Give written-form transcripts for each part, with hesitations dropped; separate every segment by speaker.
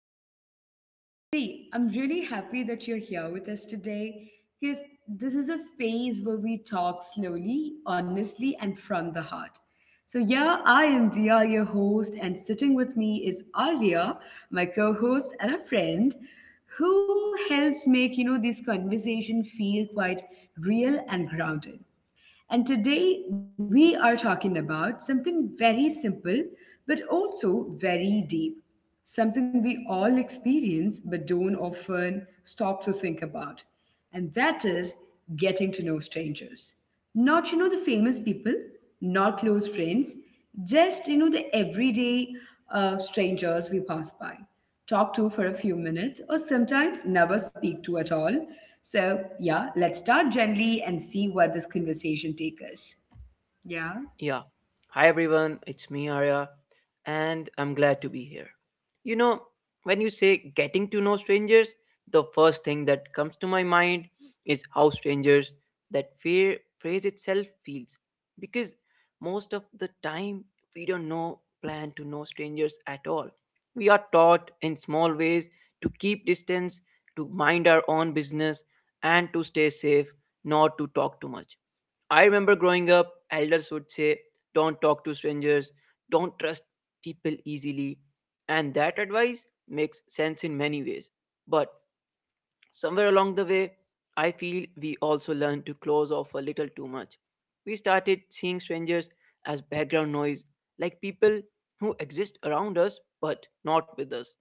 Speaker 1: to the podcast. See, I'm really happy that you're here with us today because this is a space where we talk slowly, honestly, and from the heart. So, yeah, I am Dia, your host, and sitting with me is Arya, my co host and a friend who helps make this conversation feel quite real and grounded. And today we are talking about something very simple but also very deep, something we all experience but don't often stop to think about. And that is getting to know strangers. Not, the famous people, not close friends, just, the everyday strangers we pass by talk to for a few minutes, or sometimes never speak to at all. So, yeah, let's start gently and see where this conversation takes us. Yeah,
Speaker 2: Yeah. Hi everyone, it's me Arya and I'm glad to be here. You know, when you say getting to know strangers, the first thing that comes to my mind is how strangers, that fear phrase itself feels, because most of the time we don't know plan to know strangers at all. We are taught in small ways to keep distance, to mind our own business, and to stay safe, not to talk too much. I remember growing up, elders would say, "Don't talk to strangers, don't trust people easily." And that advice makes sense in many ways. But somewhere along the way, I feel we also learned to close off a little too much. We started seeing strangers as background noise, like people who exist around us but not with us.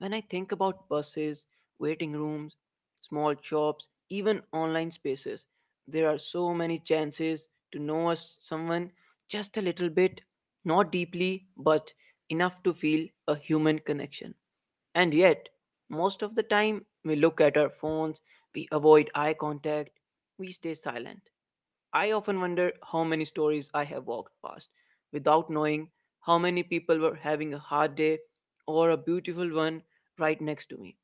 Speaker 2: When I think about buses, waiting rooms, small shops, even online spaces, there are so many chances to know us someone just a little bit, not deeply, but enough to feel a human connection. And yet, most of the time, we look at our phones, we avoid eye contact, we stay silent. I often wonder how many stories I have walked past without knowing, how many people were having a hard day or a beautiful one right next to me.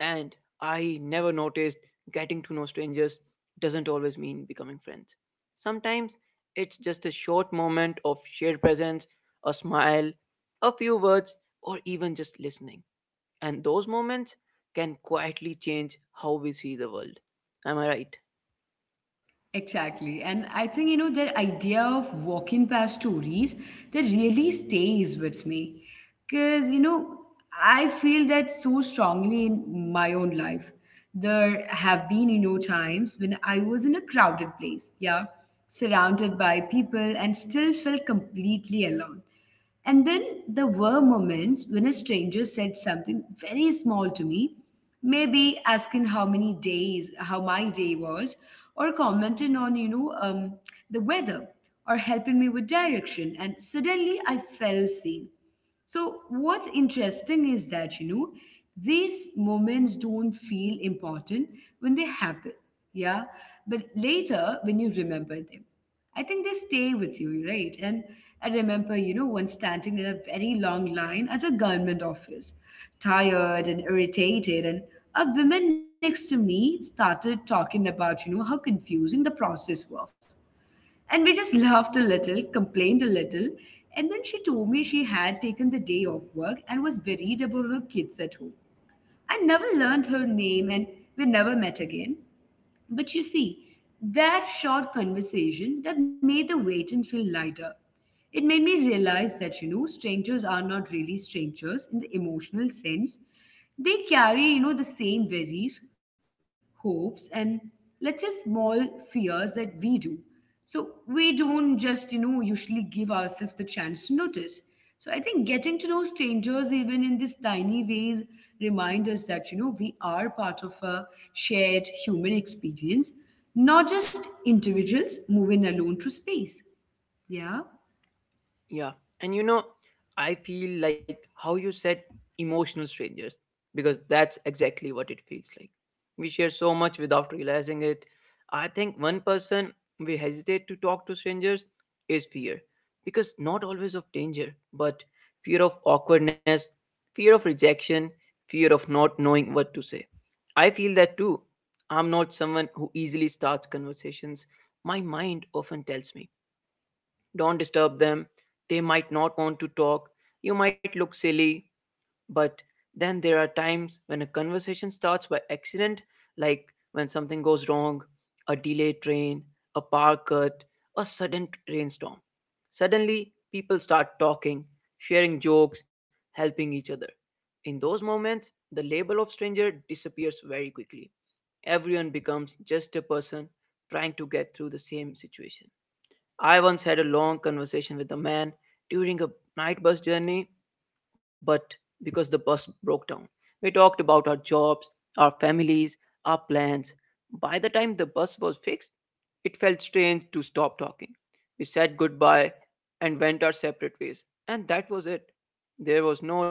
Speaker 2: And I never noticed getting to know strangers doesn't always mean becoming friends. Sometimes it's just a short moment of shared presence, a smile, a few words, or even just listening. And those moments can quietly change how we see the world. Am I right?
Speaker 1: exactly. And I think, the idea of walking past stories that really stays with me. Because, I feel that so strongly in my own life. There have been, times when I was in a crowded place, yeah, surrounded by people and still felt completely alone. And then there were moments when a stranger said something very small to me, maybe asking how many days, how my day was, or commenting on, the weather, or helping me with direction. And suddenly I felt seen. So, what's interesting is that, these moments don't feel important when they happen, yeah? But later, when you remember them. I think they stay with you, right? And I remember, once standing in a very long line at a government office, tired and irritated, and a woman next to me started talking about, how confusing the process was. And we just laughed a little, complained a little, and then she told me she had taken the day off work and was worried about her kids at home. I never learned her name and we never met again. But you see, that short conversation that made the waiting feel lighter. It made me realize that, strangers are not really strangers in the emotional sense. They carry, the same worries, hopes, and let's say small fears that we do. So we don't just, usually give ourselves the chance to notice. So I think getting to know strangers, even in these tiny ways, remind us that, we are part of a shared human experience, not just individuals moving alone through space. Yeah.
Speaker 2: Yeah. And you know, I feel like how you said emotional strangers, because that's exactly what it feels like. We share so much without realizing it. I think one person we hesitate to talk to strangers is fear, because not always of danger, but fear of awkwardness, fear of rejection, fear of not knowing what to say. I feel that too. I'm not someone who easily starts conversations. My mind often tells me, don't disturb them, they might not want to talk, you might look silly. But then there are times when a conversation starts by accident, like when something goes wrong, a delayed train, a power cut, a sudden rainstorm. Suddenly, people start talking, sharing jokes, helping each other. In those moments, the label of stranger disappears very quickly. Everyone becomes just a person trying to get through the same situation. I once had a long conversation with a man during a night bus journey, but because the bus broke down, we talked about our jobs, our families, our plans. By the time the bus was fixed, it felt strange to stop talking. We said goodbye and went our separate ways, and that was it. There was no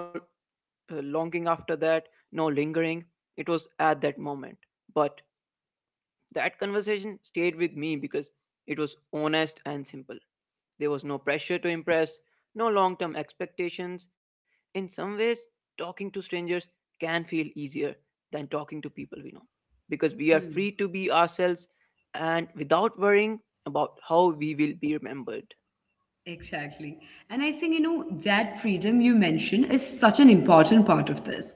Speaker 2: longing after that, no lingering. It was at that moment. But that conversation stayed with me because it was honest and simple. There was no pressure to impress, no long term expectations. In some ways, talking to strangers can feel easier than talking to people we know because we are
Speaker 1: Hmm.
Speaker 2: free to be ourselves and without worrying about how we will be remembered.
Speaker 1: Exactly. And I think, that freedom you mentioned is such an important part of this.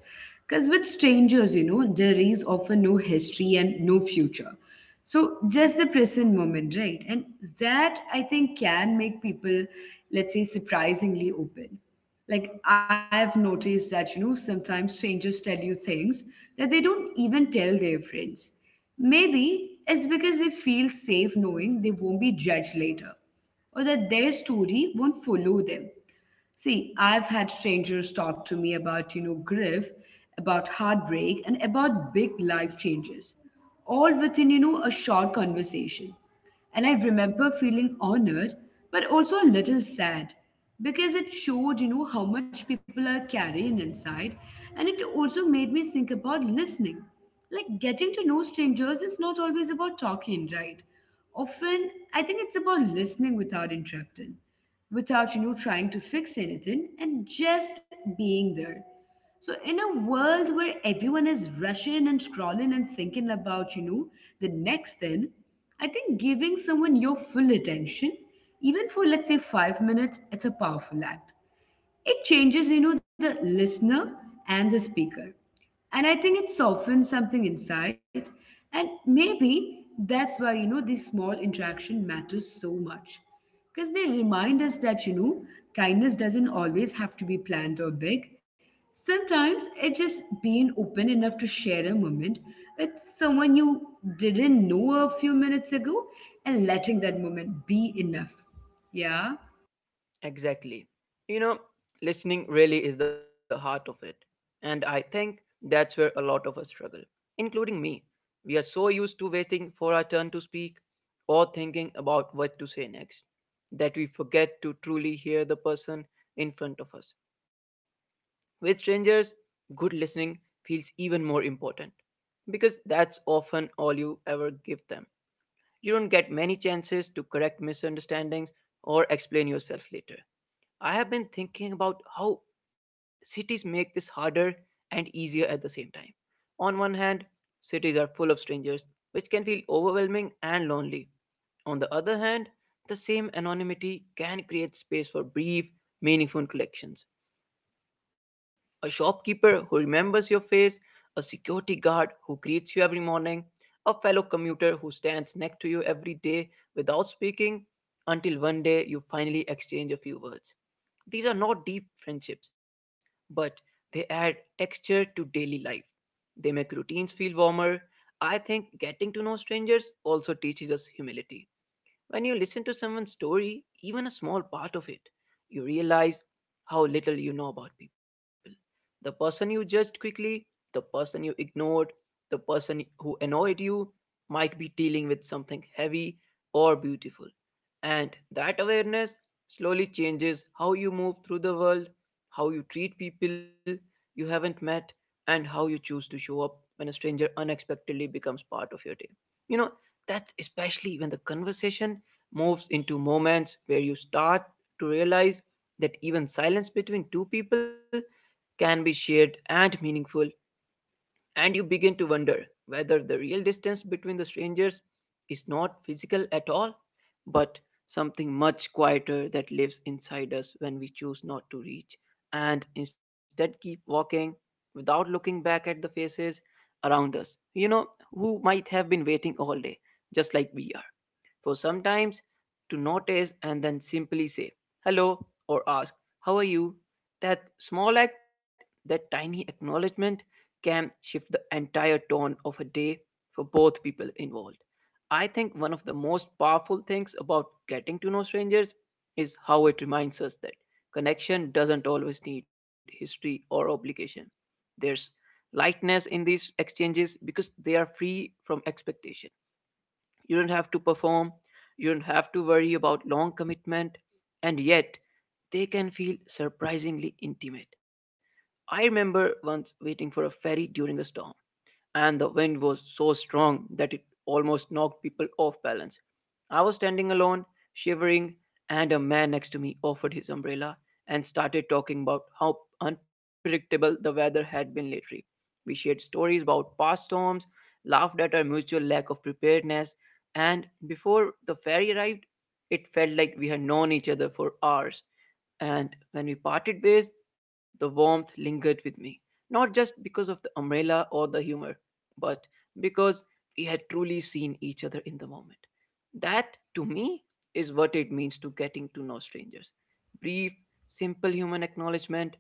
Speaker 1: Because with strangers, there is often no history and no future. So just the present moment, right? And that I think can make people, let's say, surprisingly open. Like I've noticed that, sometimes strangers tell you things that they don't even tell their friends. Maybe it's because they feel safe knowing they won't be judged later or that their story won't follow them. See, I've had strangers talk to me about, grief, about heartbreak, and about big life changes, all within, a short conversation. And I remember feeling honored, but also a little sad because it showed, how much people are carrying inside. And it also made me think about listening. Like getting to know strangers is not always about talking, right? Often, I think it's about listening without interrupting, without trying to fix anything, and just being there. So in a world where everyone is rushing and scrolling and thinking about the next thing, I think giving someone your full attention, even for let's say 5 minutes, it's a powerful act. It changes the listener and the speaker. And I think it softens something inside. And maybe that's why this small interaction matters so much, because they remind us that kindness doesn't always have to be planned or big. Sometimes it just being open enough to share a moment with someone you didn't know a few minutes ago, and letting that moment be enough. Yeah.
Speaker 2: Exactly. You know, listening really is the heart of it. And I think that's where a lot of us struggle, including me. We are so used to waiting for our turn to speak or thinking about what to say next that we forget to truly hear the person in front of us. With strangers, good listening feels even more important because that's often all you ever give them. You don't get many chances to correct misunderstandings or explain yourself later. I have been thinking about how cities make this harder and easier at the same time. On one hand, cities are full of strangers, which can feel overwhelming and lonely. On the other hand, the same anonymity can create space for brief, meaningful collections. A shopkeeper who remembers your face, a security guard who greets you every morning, a fellow commuter who stands next to you every day without speaking until one day you finally exchange a few words. These are not deep friendships, but they add texture to daily life. They make routines feel warmer. I think getting to know strangers also teaches us humility. When you listen to someone's story, even a small part of it, you realize how little you know about people. The person you judged quickly, the person you ignored, the person who annoyed you might be dealing with something heavy or beautiful. And that awareness slowly changes how you move through the world, how you treat people you haven't met, and how you choose to show up when a stranger unexpectedly becomes part of your day. You know, that's especially when the conversation moves into moments where you start to realize that even silence between two people can be shared and meaningful. And you begin to wonder whether the real distance between the strangers is not physical at all, but something much quieter that lives inside us when we choose not to reach and instead keep walking without looking back at the faces around us, you know, who might have been waiting all day, just like we are, for sometimes to notice and then simply say hello or ask, "How are you?" That small act, that tiny acknowledgement can shift the entire tone of a day for both people involved. I think one of the most powerful things about getting to know strangers is how it reminds us that connection doesn't always need history or obligation. There's lightness in these exchanges because they are free from expectation. You don't have to perform, you don't have to worry about long commitment, and yet they can feel surprisingly intimate. I remember once waiting for a ferry during a storm and the wind was so strong that it almost knocked people off balance. I was standing alone, shivering, and a man next to me offered his umbrella and started talking about how unpredictable the weather had been lately. We shared stories about past storms, laughed at our mutual lack of preparedness, and before the ferry arrived, it felt like we had known each other for hours. And when we parted ways, the warmth lingered with me, not just because of the umbrella or the humor, but because we had truly seen each other in the moment. That, to me, is what it means to getting to know strangers. Brief, simple human acknowledgement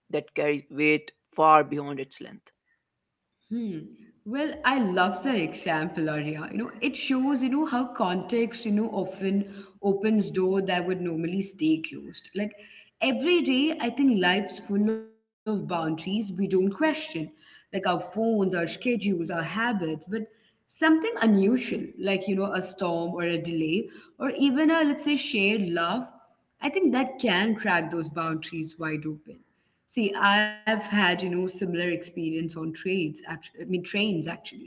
Speaker 2: that carries weight far beyond its length.
Speaker 1: Hmm. Well, I love the example, Arya. It shows, how context, often opens door that would normally stay closed. Like every day, I think life's full of boundaries we don't question, like our phones, our schedules, our habits, but something unusual, like, a storm or a delay, or even a, let's say, shared love, I think that can crack those boundaries wide open. See, I've had, similar experience on I mean, trains actually.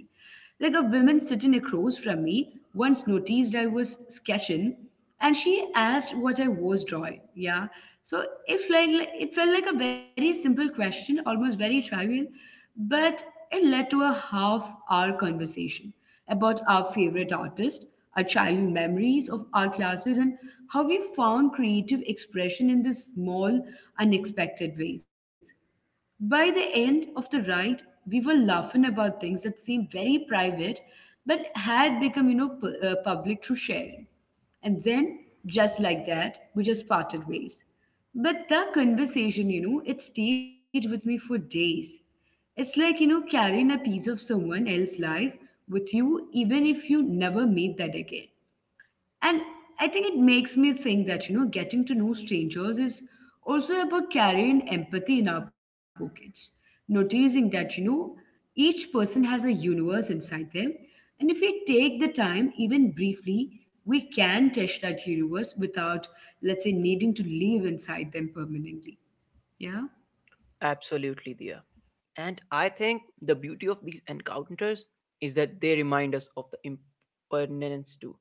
Speaker 1: Like a woman sitting across from me once noticed I was sketching and she asked what I was drawing. Yeah. So if like it felt like a very simple question, almost very trivial, but it led to a half hour conversation about our favorite artist, our childhood memories of our classes, and how we found creative expression in these small, unexpected ways. By the end of the ride, we were laughing about things that seemed very private but had become, public through sharing. And then, just like that, we just parted ways. But the conversation, it stayed with me for days. It's like, carrying a piece of someone else's life with you, even if you never meet that again. And I think it makes me think that, getting to know strangers is also about carrying empathy in our pockets, noticing that, each person has a universe inside them. And if we take the time, even briefly, we can touch that universe without, let's say, needing to live inside them permanently. Yeah.
Speaker 2: Absolutely, Dia. And I think the beauty of these encounters is that they remind us of the impermanence too.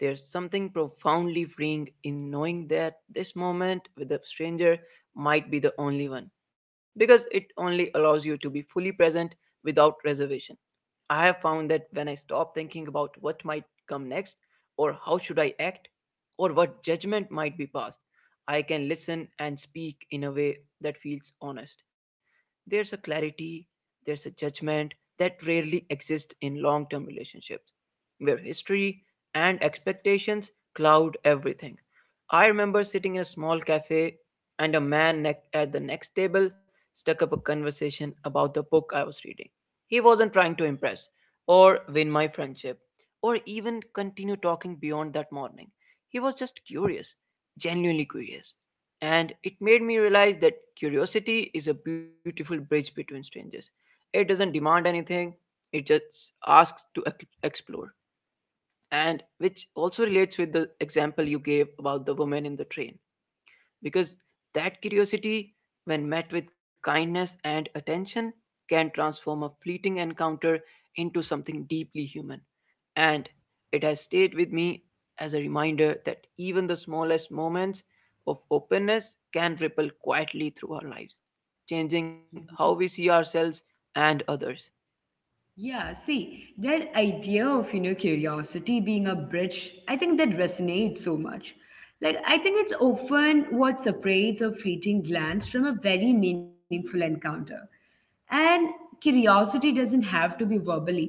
Speaker 2: There's something profoundly freeing in knowing that this moment with a stranger might be the only one because it only allows you to be fully present without reservation. I have found that when I stop thinking about what might come next, or how should I act, or what judgment might be passed, I can listen and speak in a way that feels honest. There's a clarity, there's a judgment that rarely exists in long term relationships, where history and expectations cloud everything. I remember sitting in a small cafe and a man at the next table stuck up a conversation about the book I was reading. He wasn't trying to impress or win my friendship or even continue talking beyond that morning. He was just curious, genuinely curious. And it made me realize that curiosity is a beautiful bridge between strangers. It doesn't demand anything, it just asks to explore, and which also relates with the example you gave about the woman in the train, because that curiosity, when met with kindness and attention, can transform a fleeting encounter into something deeply human, and it has stayed with me as a reminder that even the smallest moments of openness can ripple quietly through our lives, changing how
Speaker 1: Mhm.
Speaker 2: we see ourselves and others.
Speaker 1: Yeah, see, that idea of, curiosity being a bridge, I think that resonates so much. Like, I think it's often what separates a fleeting glance from a very meaningful encounter. And curiosity doesn't have to be verbal either.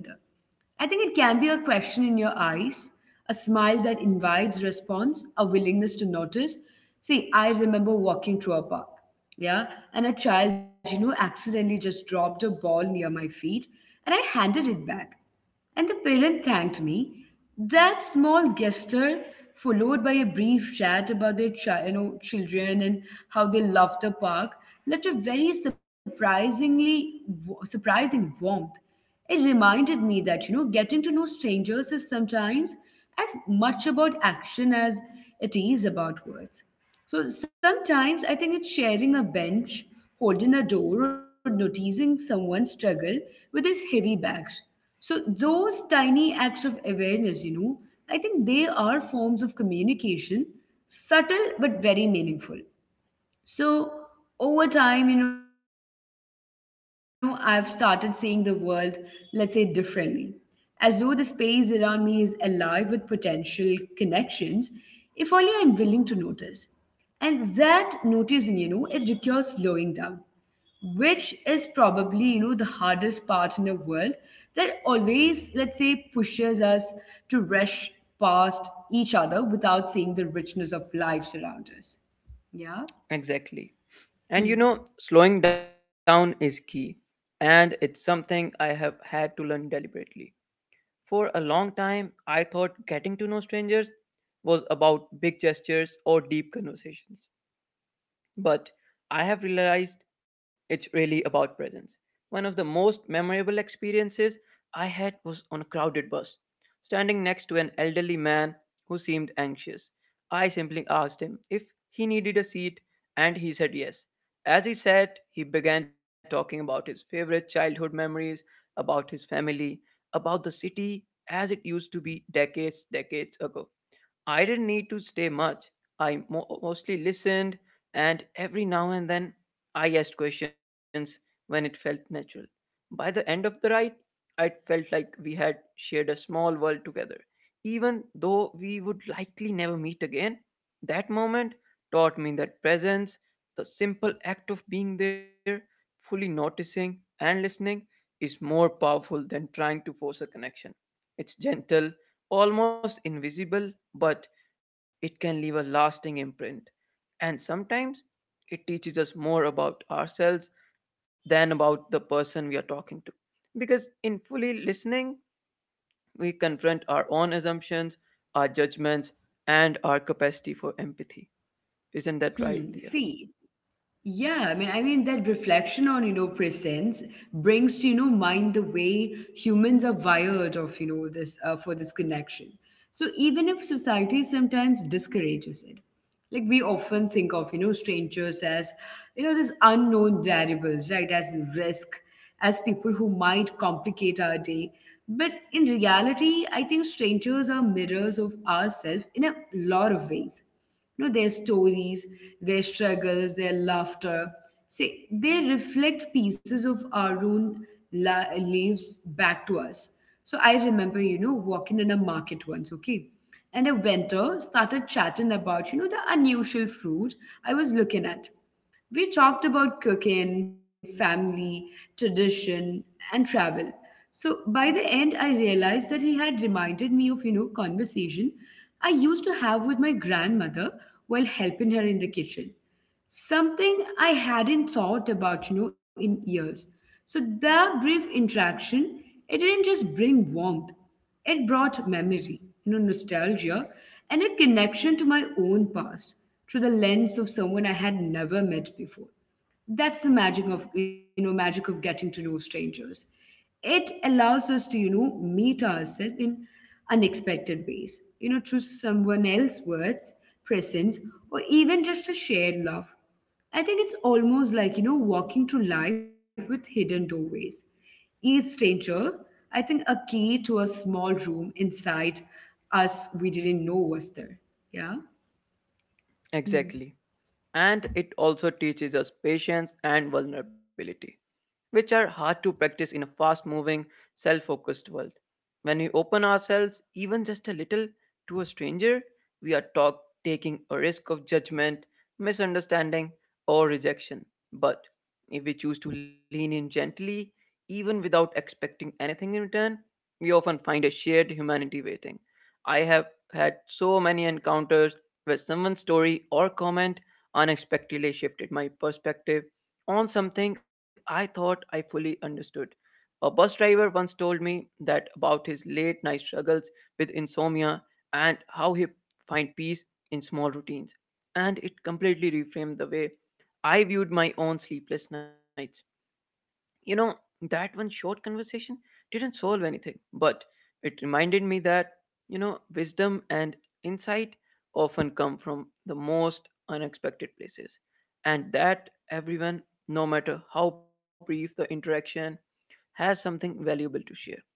Speaker 1: I think it can be a question in your eyes, a smile that invites response, a willingness to notice. See, I remember walking through a park, yeah, and a child, accidentally just dropped a ball near my feet and I handed it back. And the parent thanked me. That small gesture, followed by a brief chat about their children and how they loved the park, left a very surprisingly surprising warmth. It reminded me that getting to know strangers is sometimes as much about action as it is about words. So sometimes I think it's sharing a bench, holding a door, or noticing someone struggle with his heavy bags. So those tiny acts of awareness, I think they are forms of communication, subtle but very meaningful. So over time, I've started seeing the world, let's say, differently. As though the space around me is alive with potential connections, if only I'm willing to notice. And that noticing, it requires slowing down, which is probably the hardest part in the world that always, let's say, pushes us to rush past each other without seeing the richness of lives around us. Yeah.
Speaker 2: Exactly. And you know,
Speaker 1: Hmm.
Speaker 2: slowing down is key. And it's something I have had to learn deliberately. For a long time, I thought getting to know strangers was about big gestures or deep conversations. But I have realized it's really about presence. One of the most memorable experiences I had was on a crowded bus, standing next to an elderly man who seemed anxious. I simply asked him if he needed a seat, and he said yes. As he sat, he began talking about his favorite childhood memories, about his family, about the city as it used to be decades, decades ago. I didn't need to stay much. I mostly listened, and every now and then I asked questions when it felt natural. By the end of the ride, I felt like we had shared a small world together. Even though we would likely never meet again, that moment taught me that presence, the simple act of being there, fully noticing and listening, is more powerful than trying to force a connection. It's gentle, almost invisible, but it can leave a lasting imprint. And sometimes it teaches us more about ourselves than about the person we are talking to. Because in fully listening, we confront our own assumptions, our judgments, and our capacity for empathy. Isn't that
Speaker 1: Hmm.
Speaker 2: right, Thea?
Speaker 1: See, yeah, I mean that reflection on presence brings to mind the way humans are wired of this for this connection. So even if society sometimes discourages it, like we often think of strangers as these unknown variables, right? As risk, as people who might complicate our day. But in reality, I think strangers are mirrors of ourselves in a lot of ways. Their stories, their struggles, their laughter. See, they reflect pieces of our own lives back to us. So I remember walking in a market once, okay, and a vendor started chatting about the unusual fruit I was looking at. We talked about cooking, family, tradition, and travel. So by the end, I realized that he had reminded me of, conversation I used to have with my grandmother while helping her in the kitchen. Something I hadn't thought about, in years. So that brief interaction, it didn't just bring warmth, it brought memory, nostalgia, and a connection to my own past through the lens of someone I had never met before. That's the magic of getting to know strangers. It allows us to meet ourselves in unexpected ways through someone else's words, presence, or even just a shared love. I think it's almost like walking through life with hidden doorways, each stranger, I think, a key to a small room inside us we didn't know was there. Yeah. Hmm.
Speaker 2: Exactly. And it also teaches us patience and vulnerability, which are hard to practice in a fast moving, self focused world. When we open ourselves, even just a little, to a stranger, we are taking a risk of judgment, misunderstanding, or rejection. But if we choose to lean in gently, even without expecting anything in return, we often find a shared humanity waiting. I have had so many encounters where someone's story or comment unexpectedly shifted my perspective on something I thought I fully understood. A bus driver once told me that about his late night struggles with insomnia and how he find peace in small routines, and it completely reframed the way I viewed my own sleepless nights. You know, that one short conversation didn't solve anything, but it reminded me that, wisdom and insight often come from the most unexpected places, and that everyone, no matter how brief the interaction, has something valuable to share.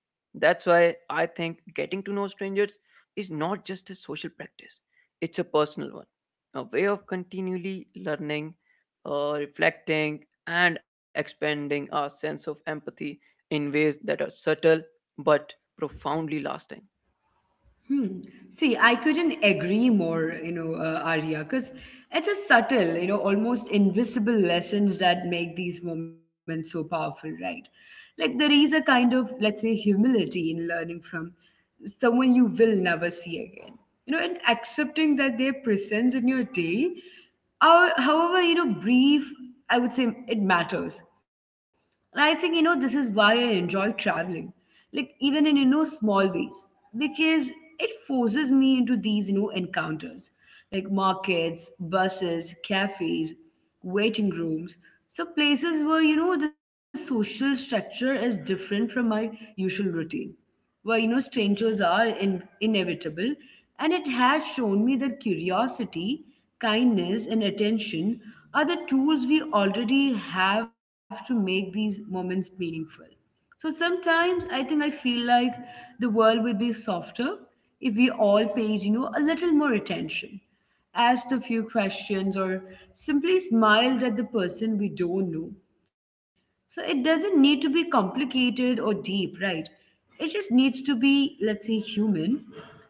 Speaker 2: That's why I think getting to know strangers is not just a social practice, it's a personal one, a way of continually learning, reflecting, and expanding our sense of empathy in ways that are subtle but profoundly lasting.
Speaker 1: Hmm. See, I couldn't agree more, Arya, because it's a subtle, almost invisible lessons that make these moments so powerful, right? Like there is a kind of, let's say, humility in learning from someone you will never see again. You know, and accepting that their presence in your day, however brief, I would say it matters. And I think, this is why I enjoy traveling, like even in, small ways, because it forces me into these, encounters like markets, buses, cafes, waiting rooms. So places where, the social structure is different from my usual routine, where you know strangers are inevitable, and it has shown me that curiosity, kindness, and attention are the tools we already have to make these moments meaningful. So sometimes I think I feel like the world would be softer if we all paid, a little more attention, asked a few questions, or simply smiled at the person we don't know. So it doesn't need to be complicated or deep, right? It just needs to be, let's say, human.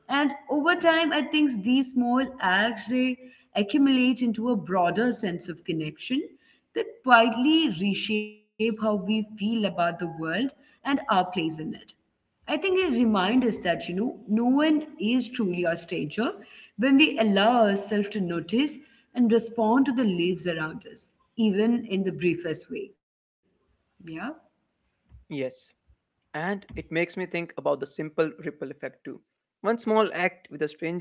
Speaker 1: And over time, I think these small acts, they accumulate into a broader sense of connection that quietly reshape how we feel about the world and our place in it. I think they remind us that, no one is truly our stranger when we allow ourselves to notice and respond to the leaves around us, even in the briefest way. Yeah,
Speaker 2: Yes. And it makes me think about the simple ripple effect too. One small act with a stranger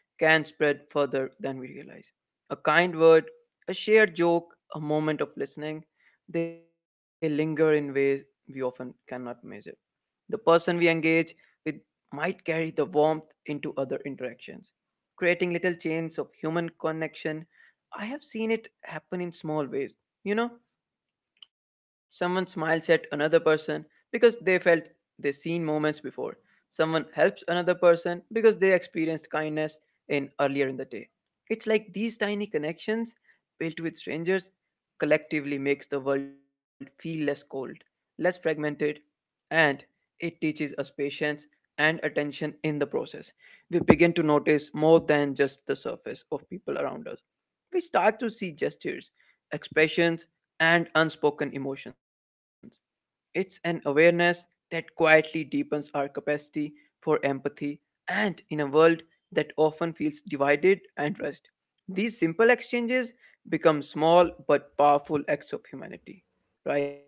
Speaker 2: can spread further than we realize. A kind word, a shared joke, a moment of listening, they linger in ways we often cannot measure. The person we engage with might carry the warmth into other interactions, creating little chains of human connection. I have seen it happen in small ways. You know, someone smiles at another person because they felt they seen moments before. Someone helps another person because they experienced kindness in earlier in the day. It's like these tiny connections built with strangers collectively makes the world feel less cold, less fragmented, and it teaches us patience and attention in the process. We begin to notice more than just the surface of people around us. We start to see gestures, expressions, and unspoken emotions. It's an awareness that quietly deepens our capacity for empathy and in a world that often feels divided and rushed. These simple exchanges become small but powerful acts of humanity, right?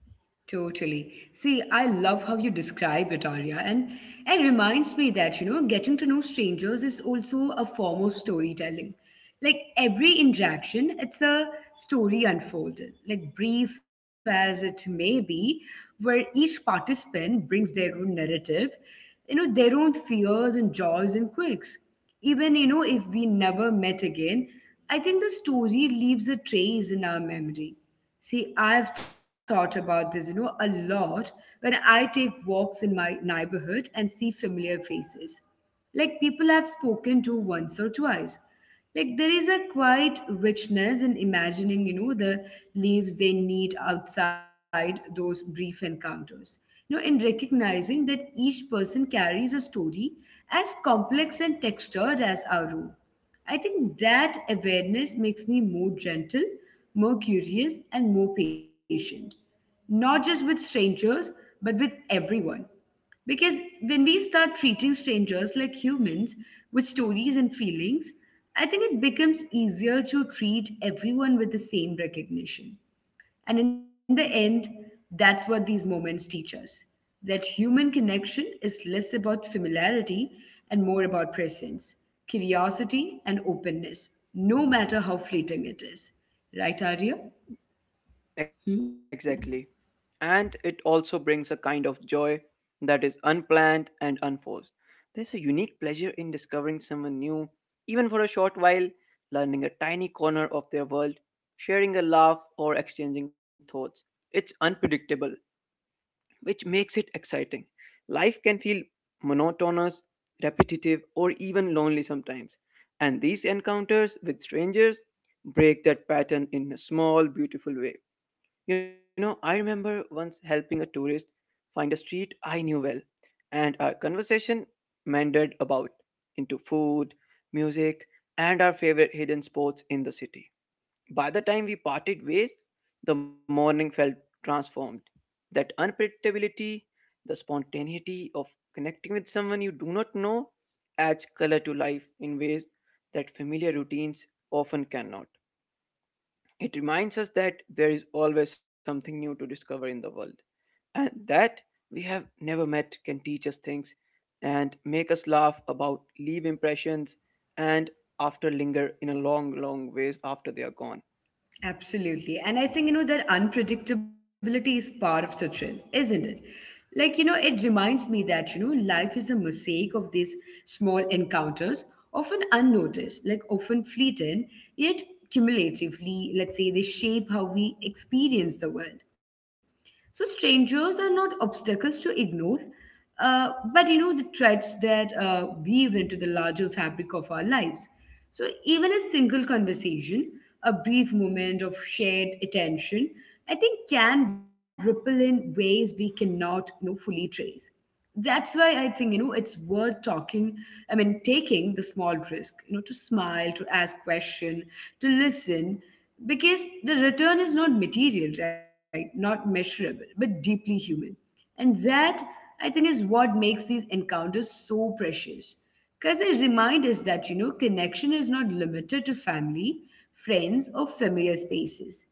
Speaker 1: totally. See, I love how you describe it, Arya, and it reminds me that, getting to know strangers is also a form of storytelling. Like every interaction, it's a story unfolded, like brief as it may be, where each participant brings their own narrative, their own fears and joys and quirks. Even if we never met again, I think the story leaves a trace in our memory. See, I've thought about this, a lot when I take walks in my neighborhood and see familiar faces, like people I've spoken to once or twice. Like there is a quiet richness in imagining, the leaves they need outside those brief encounters. You know, in recognizing that each person carries a story as complex and textured as our own. I think that awareness makes me more gentle, more curious, and more patient. Not just with strangers, but with everyone. Because when we start treating strangers like humans with stories and feelings, I think it becomes easier to treat everyone with the same recognition. And in the end, that's what these moments teach us, that human connection is less about familiarity and more about presence, curiosity, and openness, no matter how fleeting it is. Right, Arya? Hmm?
Speaker 2: Exactly. And it also brings a kind of joy that is unplanned and unforced. There's a unique pleasure in discovering someone new, even for a short while, learning a tiny corner of their world, sharing a laugh, or exchanging thoughts. It's unpredictable, which makes it exciting. Life can feel monotonous, repetitive, or even lonely sometimes. And these encounters with strangers break that pattern in a small, beautiful way. You know, I remember once helping a tourist find a street I knew well, and our conversation meandered about into food, music, and our favorite hidden spots in the city. By the time we parted ways, the morning felt transformed. That unpredictability, the spontaneity of connecting with someone you do not know, adds color to life in ways that familiar routines often cannot. It reminds us that there is always something new to discover in the world, and that we have never met can teach us things and make us laugh about, leave impressions, and after linger in a long, long ways after they are gone.
Speaker 1: Absolutely. And I think, that unpredictability is part of the thrill, isn't it? Like, it reminds me that, life is a mosaic of these small encounters, often unnoticed, like often fleeting, yet cumulatively, let's say, they shape how we experience the world. So strangers are not obstacles to ignore, uh, but you know the threads that weave into the larger fabric of our lives. So even a single conversation, a brief moment of shared attention, I think can ripple in ways we cannot fully trace. That's why I think it's worth talking. I mean, taking the small risk, to smile, to ask question, to listen, because the return is not material, right, not measurable, but deeply human. And that, I think, is what makes these encounters so precious. Because they remind us that, connection is not limited to family, friends, or familiar spaces.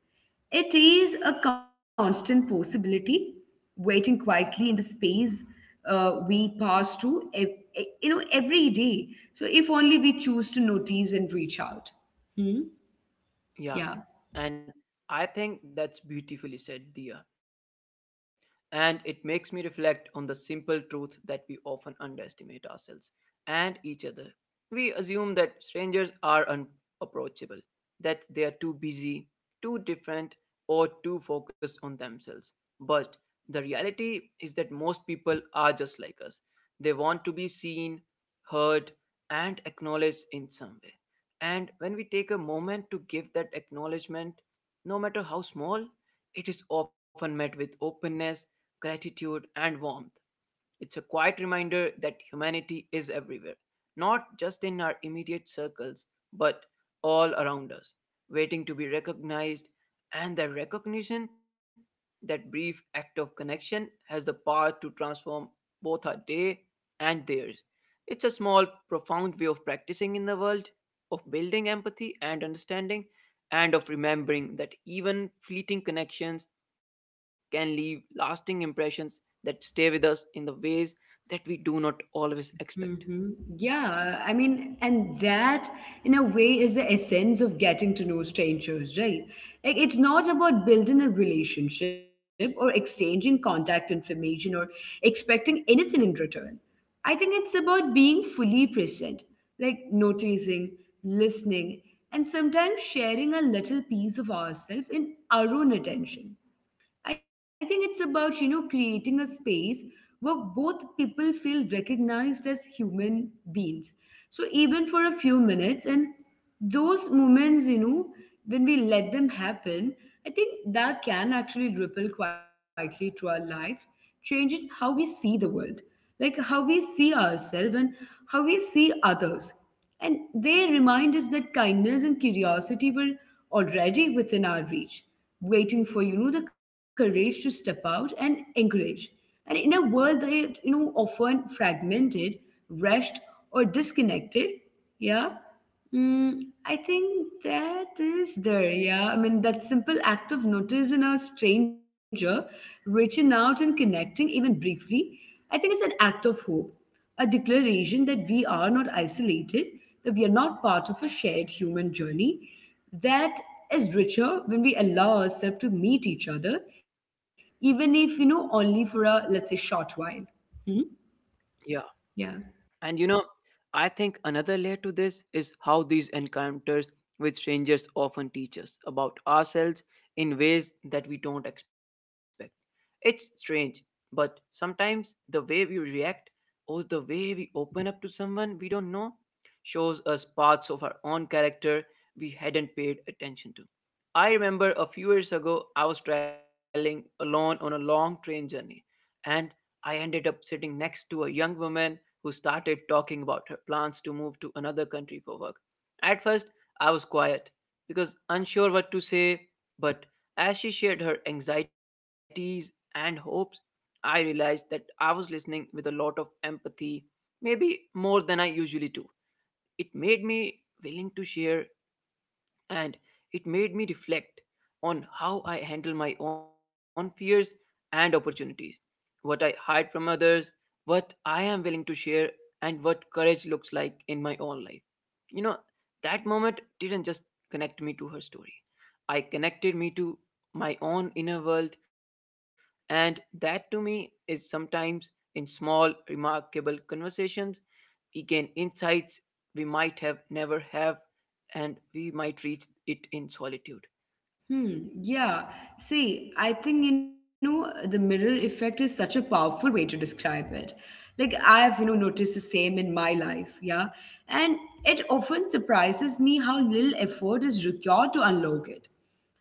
Speaker 1: It is a constant possibility, waiting quietly in the space we pass to, every day. So if only we choose to notice and reach out. Hmm? Yeah.
Speaker 2: Yeah, and I think that's beautifully said, Dia. And it makes me reflect on the simple truth that we often underestimate ourselves and each other. We assume that strangers are unapproachable, that they are too busy, too different, or too focused on themselves. But the reality is that most people are just like us. They want to be seen, heard, and acknowledged in some way. And when we take a moment to give that acknowledgement, no matter how small, it is often met with openness, gratitude, and warmth. It's a quiet reminder that humanity is everywhere, not just in our immediate circles, but all around us, waiting to be recognized. And that recognition, that brief act of connection, has the power to transform both our day and theirs. It's a small, profound way of practicing in the world of building empathy and understanding, and of remembering that even fleeting connections can leave lasting impressions that stay with us in the ways that we do not always expect.
Speaker 1: Hmm. Yeah, I mean, and that in a way is the essence of getting to know strangers, right? Like, it's not about building a relationship or exchanging contact information or expecting anything in return. I think it's about being fully present, like noticing, listening, and sometimes sharing a little piece of ourselves in our own attention. I think it's about, creating a space where both people feel recognized as human beings. So even for a few minutes, and those moments, when we let them happen, I think that can actually ripple quietly through our life, changing how we see the world, like how we see ourselves and how we see others. And they remind us that kindness and curiosity were already within our reach, waiting for the courage to step out and encourage. And in a world that often fragmented, rushed, or disconnected, yeah. mm, I think that is there. Yeah, I mean, that simple act of noticing a stranger, reaching out and connecting even briefly, I think is an act of hope, a declaration that we are not isolated, that we are not part of a shared human journey that is richer when we allow ourselves to meet each other, even if, only for a, let's say, short while. Mhm.
Speaker 2: Yeah. And you
Speaker 1: Yeah.
Speaker 2: know, I think another layer to this is how these encounters with strangers often teach us about ourselves in ways that we don't expect. It's strange, but sometimes the way we react or the way we open up to someone we don't know shows us parts of our own character we hadn't paid attention to. I remember a few years ago, I was traveling alone on a long train journey, and I ended up sitting next to a young woman who started talking about her plans to move to another country for work. At first, I was quiet because unsure what to say, but as she shared her anxieties and hopes, I realized that I was listening with a lot of empathy, maybe more than I usually do. It made me willing to share and it made me reflect on how I handle my own fears and opportunities, what I hide from others, what I am willing to share, and what courage looks like in my own life. You know, that moment didn't just connect me to her story, I connected me to my own inner world, and that to me is sometimes in small, remarkable conversations we gain insights we might have never have and we might reach it in solitude.
Speaker 1: Hmm, yeah. See, I think, the mirror effect is such a powerful way to describe it. Like, I've, noticed the same in my life, yeah. And it often surprises me how little effort is required to unlock it.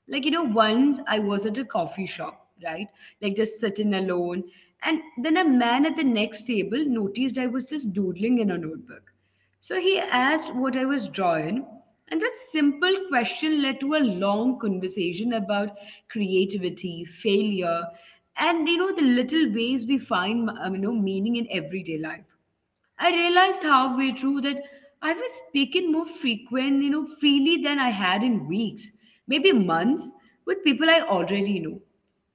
Speaker 1: Like, once I was at a coffee shop, right? Like, just sitting alone. And then a man at the next table noticed I was just doodling in a notebook. So he asked what I was drawing, and that simple question led to a long conversation about creativity, failure, and the little ways we find meaning in everyday life. I realized halfway through that I was speaking more freely than I had in weeks, maybe months, with people I already know.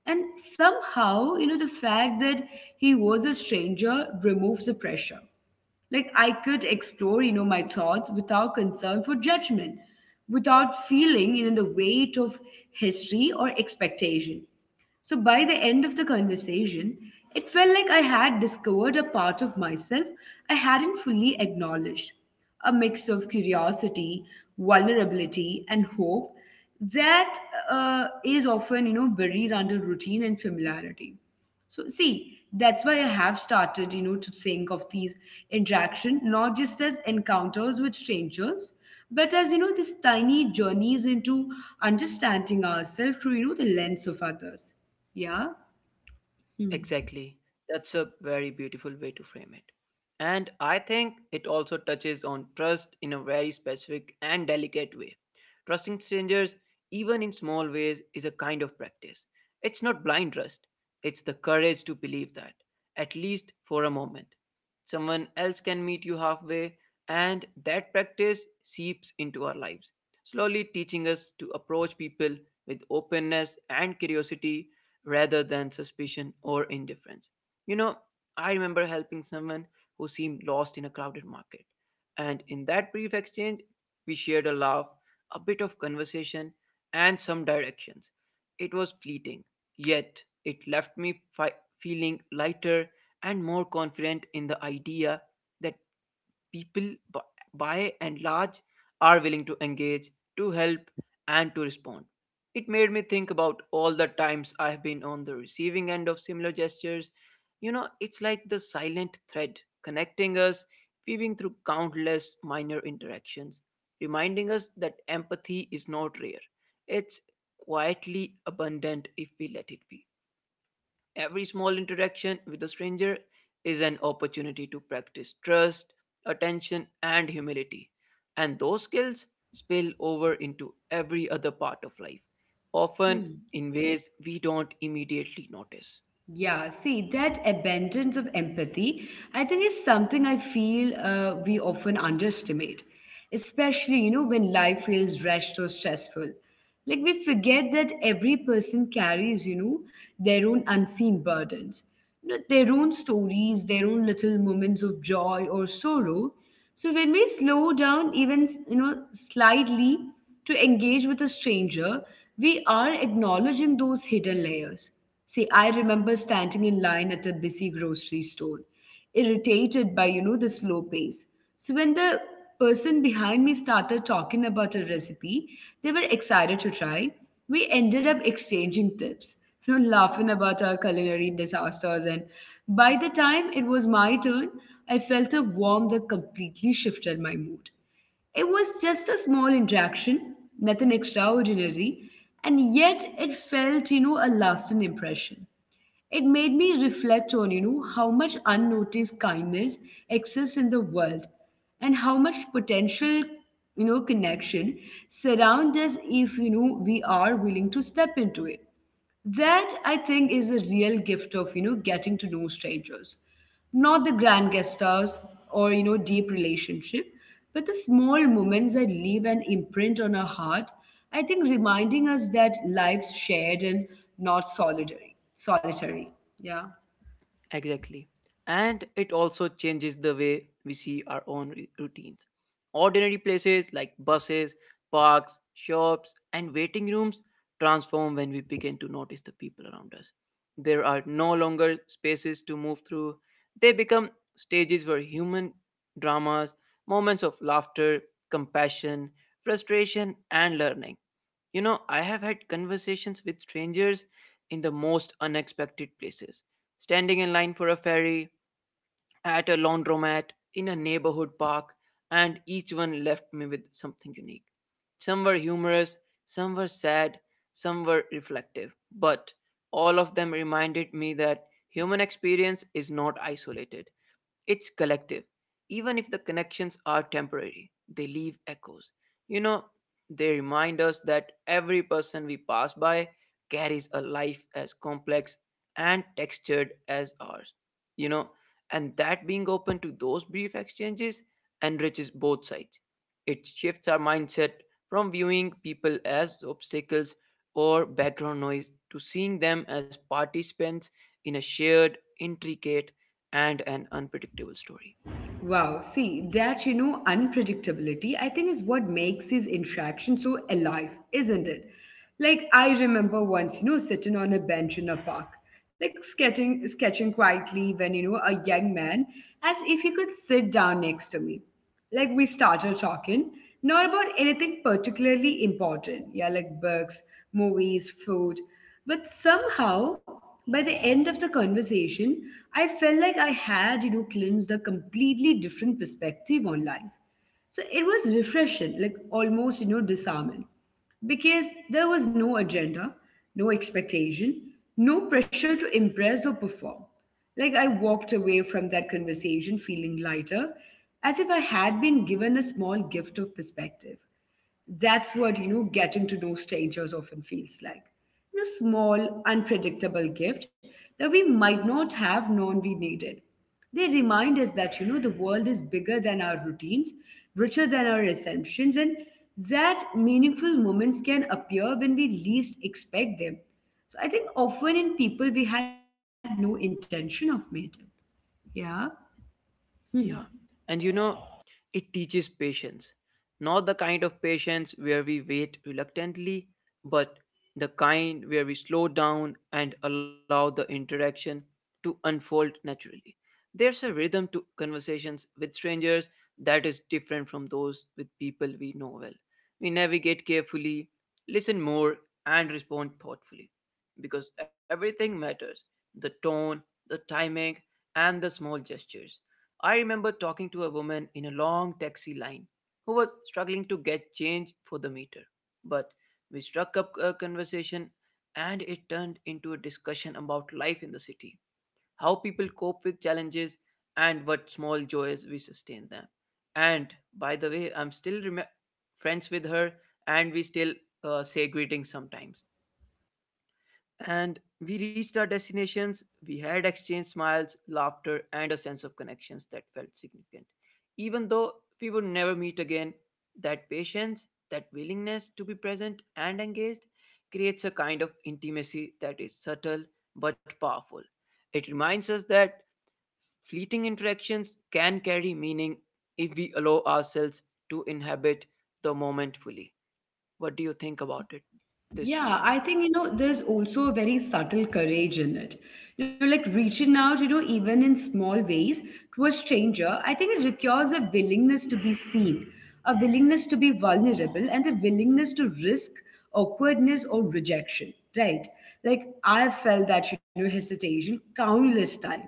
Speaker 1: And somehow, the fact that he was a stranger removed the pressure. Like I could explore my thoughts without concern for judgment, without feeling the weight of history or expectation. So by the end of the conversation, it felt like I had discovered a part of myself I hadn't fully acknowledged, a mix of curiosity, vulnerability, and hope that is often, buried under routine and familiarity. So see, that's why I have started, to think of these interaction not just as encounters with strangers, but as these tiny journeys into understanding ourselves through the lens of others. Yeah. Hmm.
Speaker 2: Exactly. That's a very beautiful way to frame it. And I think it also touches on trust in a very specific and delicate way. Trusting strangers, even in small ways, is a kind of practice. It's not blind trust, it's the courage to believe that, at least for a moment. Someone else can meet you halfway, and that practice seeps into our lives, slowly teaching us to approach people with openness and curiosity rather than suspicion or indifference. You know, I remember helping someone who seemed lost in a crowded market. And in that brief exchange, we shared a laugh, a bit of conversation, and some directions. It was fleeting, yet it left me feeling lighter and more confident in the idea that people by and large are willing to engage, to help, and to respond. It made me think about all the times I have been on the receiving end of similar gestures. You know, it's like the silent thread connecting us, weaving through countless minor interactions, reminding us that empathy is not rare. It's quietly abundant if we let it be. Every small interaction with a stranger is an opportunity to practice trust, attention, and humility. And those skills spill over into every other part of life, often
Speaker 1: Hmm.
Speaker 2: in ways we don't immediately notice.
Speaker 1: Yeah. See, that abundance of empathy, I think, is something I feel we often underestimate, especially, when life feels rushed or stressful. Like, we forget that every person carries, their own unseen burdens, their own stories, their own little moments of joy or sorrow. So when we slow down, even slightly, to engage with a stranger, we are acknowledging those hidden layers. See, I remember standing in line at a busy grocery store, irritated by the slow pace. So when the person behind me started talking about a recipe they were excited to try, we ended up exchanging tips, laughing about our culinary disasters, and by the time it was my turn, I felt a warmth that completely shifted my mood. It was just a small interaction, nothing extraordinary, and yet it felt, a lasting impression. It made me reflect on, how much unnoticed kindness exists in the world and how much potential, connection surrounds us if, we are willing to step into it. That, I think, is the real gift of, getting to know strangers. Not the grand gestures or deep relationship, but the small moments that leave an imprint on our heart. I think reminding us that life's shared and not solitary. Solitary. Yeah.
Speaker 2: Exactly. And it also changes the way we see our own routines. Ordinary places like buses, parks, shops, and waiting rooms transform when we begin to notice the people around us. There are no longer spaces to move through, they become stages where human dramas, moments of laughter, compassion, frustration, and learning. You know, I have had conversations with strangers in the most unexpected places, standing in line for a ferry, at a laundromat, in a neighborhood park, and each one left me with something unique. Some were humorous, some were sad, some were reflective, but all of them reminded me that human experience is not isolated. It's collective. Even if the connections are temporary, they leave echoes. You know, they remind us that every person we pass by carries a life as complex and textured as ours. You know, and that being open to those brief exchanges enriches both sides. It shifts our mindset from viewing people as obstacles or background noise to seeing them as participants in a shared, intricate, and an unpredictable story.
Speaker 1: Wow. See, that, unpredictability, I think is what makes these interactions so alive, isn't it? Like, I remember once, sitting on a bench in a park, like sketching quietly when, a young man, as if he could sit down next to me. Like we started talking, not about anything particularly important, yeah, like books, movies, food. But somehow, by the end of the conversation, I felt like I had glimpsed a completely different perspective on life. So it was refreshing, like almost, disarming, because there was no agenda, no expectation, no pressure to impress or perform. Like I walked away from that conversation feeling lighter, as if I had been given a small gift of perspective. That's what, getting to know strangers often feels like. You know, small, unpredictable gift that we might not have known we needed. They remind us that, the world is bigger than our routines, richer than our assumptions, and that meaningful moments can appear when we least expect them. So I think often in people we had no intention of meeting. Yeah.
Speaker 2: Yeah. And you know, it teaches patience. Not the kind of patience where we wait reluctantly, but the kind where we slow down and allow the interaction to unfold naturally. There's a rhythm to conversations with strangers that is different from those with people we know well. We navigate carefully, listen more, and respond thoughtfully. Because everything matters the tone, the timing, and the small gestures. I remember talking to a woman in a long taxi line who was struggling to get change for the meter. But we struck up a conversation and it turned into a discussion about life in the city, how people cope with challenges, and what small joys we sustain them. And by the way, I'm still friends with her and we still say greetings sometimes. And we reached our destinations. We had exchanged smiles, laughter, and a sense of connections that felt significant. Even though we would never meet again, that patience, that willingness to be present and engaged creates a kind of intimacy that is subtle but powerful. It reminds us that fleeting interactions can carry meaning if we allow ourselves to inhabit the moment fully. What do you think about it, this
Speaker 1: Yeah,
Speaker 2: Dia?
Speaker 1: I think, there's also a very subtle courage in it. Like reaching out, even in small ways to a stranger, I think it requires a willingness to be seen, a willingness to be vulnerable, and a willingness to risk awkwardness or rejection, right? Like, I felt that, hesitation countless times,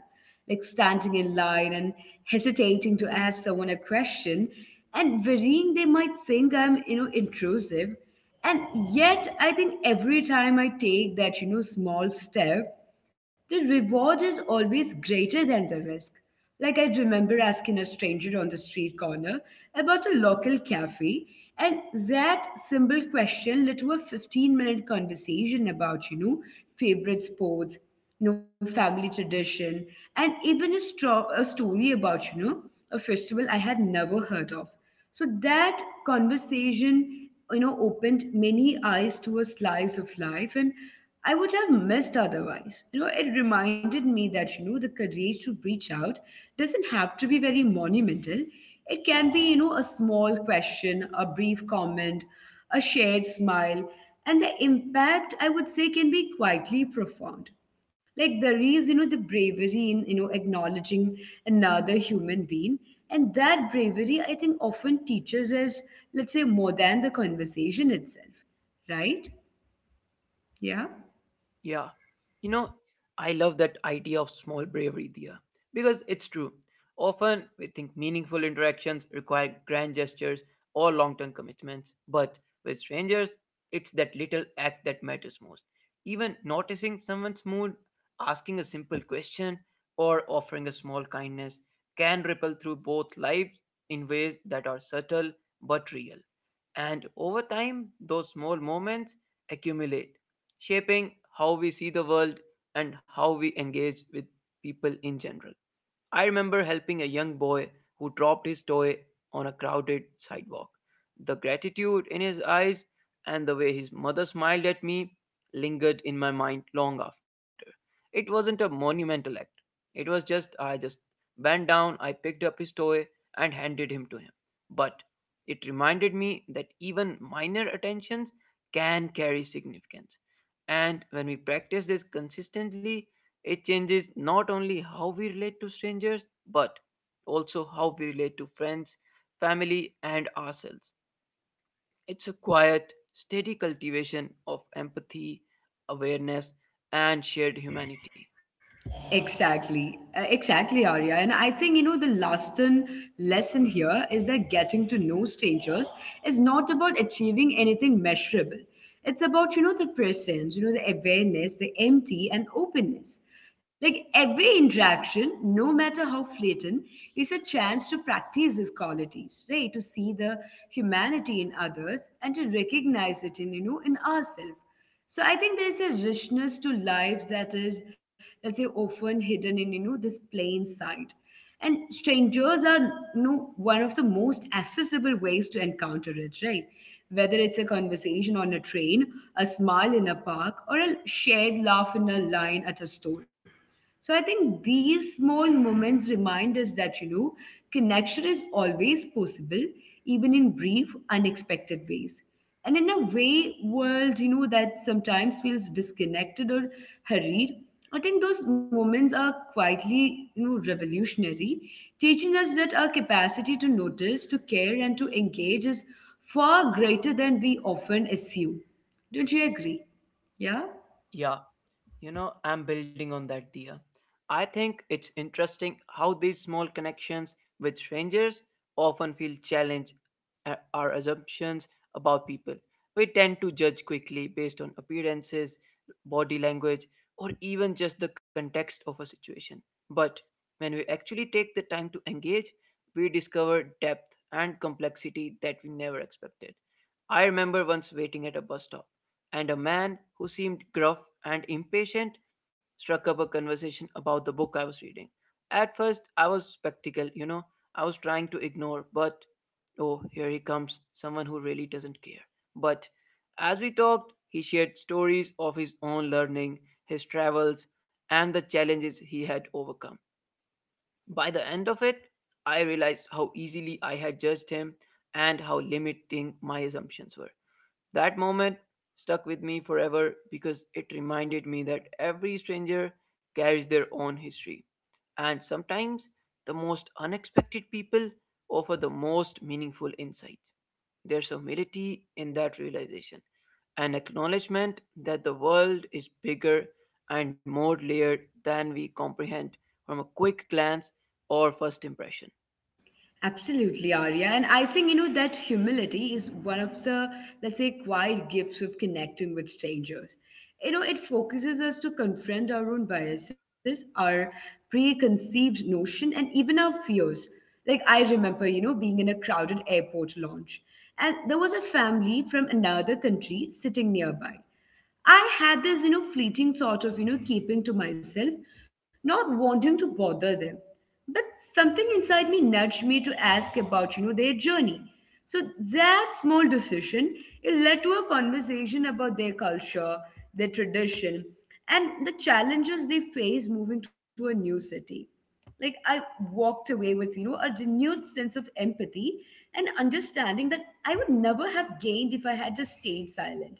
Speaker 1: like standing in line and hesitating to ask someone a question and worrying they might think I'm, intrusive and yet, I think every time I take that, small step, the reward is always greater than the risk. Like I remember asking a stranger on the street corner about a local cafe, and that simple question led to a 15-minute conversation about, favorite sports, family tradition, and even a, a story about, a festival I had never heard of. So that conversation, opened many eyes to a slice of life, and I would have missed otherwise. It reminded me that, the courage to reach out doesn't have to be very monumental. It can be, a small question, a brief comment, a shared smile, and the impact, I would say, can be quietly profound like there is the bravery in acknowledging another human being, and that bravery I think often teaches us, let's say, more than the conversation itself, right?
Speaker 2: Yeah.
Speaker 1: Yeah.
Speaker 2: You know, I love that idea of small bravery, Dia, because it's true. Often we think meaningful interactions require grand gestures or long term commitments, but with strangers, it's that little act that matters most. Even noticing someone's mood, asking a simple question, or offering a small kindness can ripple through both lives in ways that are subtle but real. And over time, those small moments accumulate shaping how we see the world and how we engage with people in general. I remember helping a young boy who dropped his toy on a crowded sidewalk. The gratitude in his eyes and the way his mother smiled at me lingered in my mind long after. It wasn't a monumental act. It was just I just bent down, I picked up his toy and handed him to him. But it reminded me that even minor attentions can carry significance. And when we practice this consistently, it changes not only how we relate to strangers, but also how we relate to friends, family, and ourselves. It's a quiet, steady cultivation of empathy, awareness, and shared humanity.
Speaker 1: Exactly, exactly, Arya. And I think, the lasting lesson here is that getting to know strangers is not about achieving anything measurable. It's about, the presence, the awareness, the empty and openness. Like every interaction, no matter how fleeting, is a chance to practice these qualities, right? To see the humanity in others and to recognize it in, in ourselves. So I think there's a richness to life that is, let's say, often hidden in this plain sight. And strangers are one of the most accessible ways to encounter it, right? Whether it's a conversation on a train, a smile in a park, or a shared laugh in a line at a store. So I think these small moments remind us that, connection is always possible, even in brief, unexpected ways. And in a way, world, that sometimes feels disconnected or hurried, I think those moments are quietly, revolutionary, teaching us that our capacity to notice, to care, and to engage is far greater than we often assume. Don't you agree? Yeah?
Speaker 2: Yeah. I'm building on that, Dia. I think it's interesting how these small connections with strangers often feel challenge our assumptions about people. We tend to judge quickly based on appearances, body language, or even just the context of a situation. But when we actually take the time to engage, we discover depth and complexity that we never expected. I remember once waiting at a bus stop and a man who seemed gruff and impatient struck up a conversation about the book I was reading. At first, I was spectacle, I was trying to ignore, but oh, here he comes, someone who really doesn't care. But as we talked, he shared stories of his own learning, his travels, and the challenges he had overcome. By the end of it, I realized how easily I had judged him and how limiting my assumptions were. That moment stuck with me forever because it reminded me that every stranger carries their own history, and sometimes the most unexpected people offer the most meaningful insights. There's humility in that realization, an acknowledgement that the world is bigger and more layered than we comprehend from a quick glance or first impression.
Speaker 1: Absolutely, Arya. And I think, that humility is one of the, let's say, quiet gifts of connecting with strangers. It focuses us to confront our own biases, our preconceived notion, and even our fears. Like, I remember, being in a crowded airport lounge, and there was a family from another country sitting nearby. I had this, fleeting thought of, keeping to myself, not wanting to bother them. But something inside me nudged me to ask about, their journey. So that small decision, it led to a conversation about their culture, their tradition, and the challenges they face moving to a new city. Like I walked away with, a renewed sense of empathy and understanding that I would never have gained if I had just stayed silent.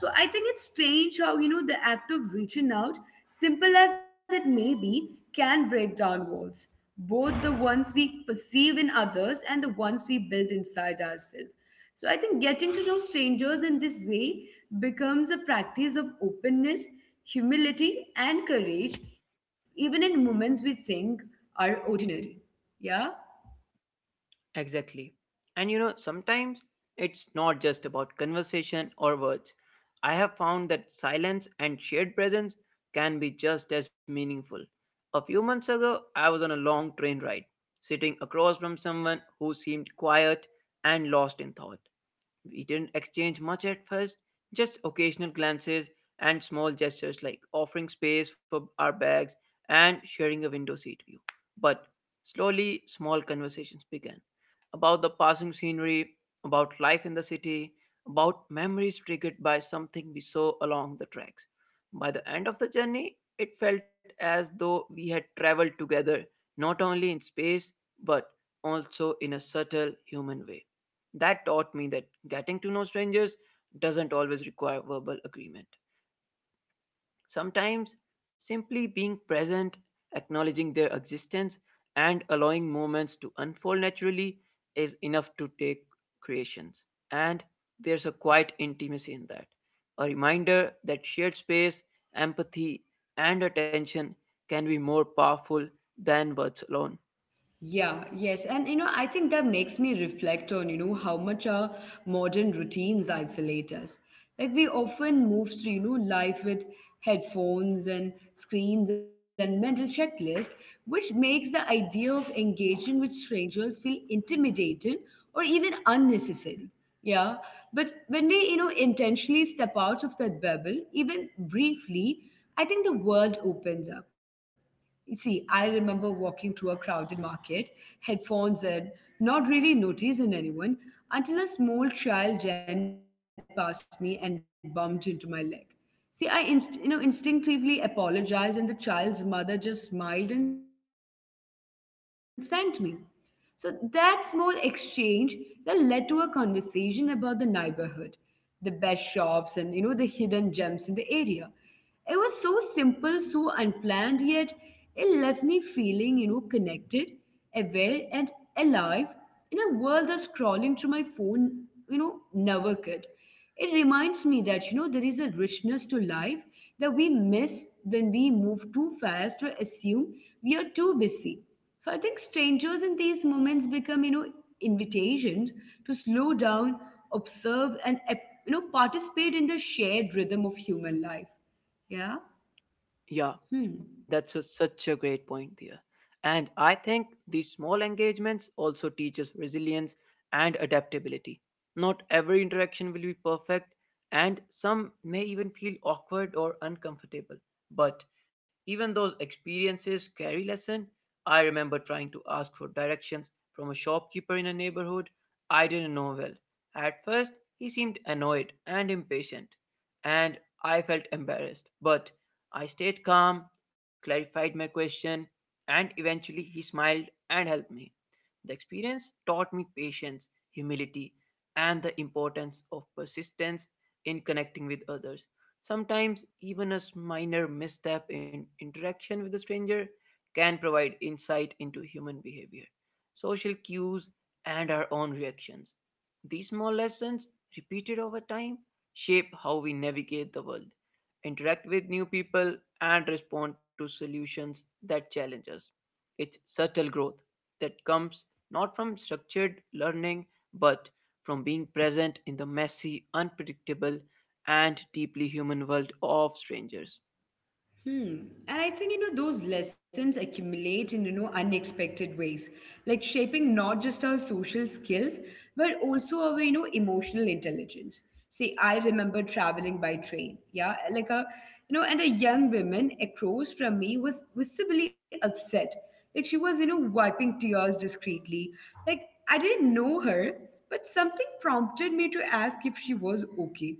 Speaker 1: So I think it's strange how, the act of reaching out, simple as it may be, can break down walls, both the ones we perceive in others and the ones we build inside ourselves. So I think getting to know strangers in this way becomes a practice of openness, humility, and courage, even in moments we think are ordinary. Yeah?
Speaker 2: Exactly. And you know, sometimes it's not just about conversation or words. I have found that silence and shared presence can be just as meaningful. A few months ago, I was on a long train ride, sitting across from someone who seemed quiet and lost in thought. We didn't exchange much at first, just occasional glances and small gestures like offering space for our bags and sharing a window seat view. But slowly, small conversations began about the passing scenery, about life in the city, about memories triggered by something we saw along the tracks. By the end of the journey, it felt as though we had traveled together, not only in space, but also in a subtle human way. That taught me that getting to know strangers doesn't always require verbal agreement. Sometimes simply being present, acknowledging their existence, and allowing moments to unfold naturally is enough to take creations. And there's a quiet intimacy in that. A reminder that shared space, empathy, and attention can be more powerful than words alone.
Speaker 1: Yeah, yes. And I think that makes me reflect on, how much our modern routines isolate us. Like we often move through, life with headphones and screens and mental checklist, which makes the idea of engaging with strangers feel intimidated or even unnecessary. Yeah. But when we, intentionally step out of that bubble, even briefly, I think the world opens up. See, I remember walking through a crowded market, headphones in, not really noticing anyone, until a small child ran past me and bumped into my leg. See, I instinctively apologized, and the child's mother just smiled and thanked me. So that small exchange that led to a conversation about the neighborhood, the best shops, and the hidden gems in the area. It was so simple, so unplanned, yet it left me feeling connected, aware, and alive in a world that scrolling through my phone never could. It reminds me that there is a richness to life that we miss when we move too fast or assume we are too busy. So I think strangers in these moments become, invitations to slow down, observe, and participate in the shared rhythm of human life. Yeah. Hmm.
Speaker 2: Yeah, such a great point there. And I think these small engagements also teach us resilience and adaptability. Not every interaction will be perfect, and some may even feel awkward or uncomfortable. But even those experiences carry lesson. I remember trying to ask for directions from a shopkeeper in a neighborhood I didn't know well. At first, he seemed annoyed and impatient, and I felt embarrassed. But I stayed calm, clarified my question, and eventually he smiled and helped me. The experience taught me patience, humility, and the importance of persistence in connecting with others. Sometimes, even minor misstep in interaction with a stranger can provide insight into human behavior, social cues, and our own reactions. These small lessons, repeated over time, shape how we navigate the world interact with new people, and respond to solutions that challenge us. It's subtle growth that comes not from structured learning but from being present in the messy, unpredictable, and deeply human world of strangers.
Speaker 1: Hmm. And I think, those lessons accumulate in, unexpected ways, like shaping not just our social skills, but also our, emotional intelligence. See, I remember traveling by train. Yeah. Like a, and a young woman across from me was visibly upset. Like she was, wiping tears discreetly. Like I didn't know her, but something prompted me to ask if she was okay.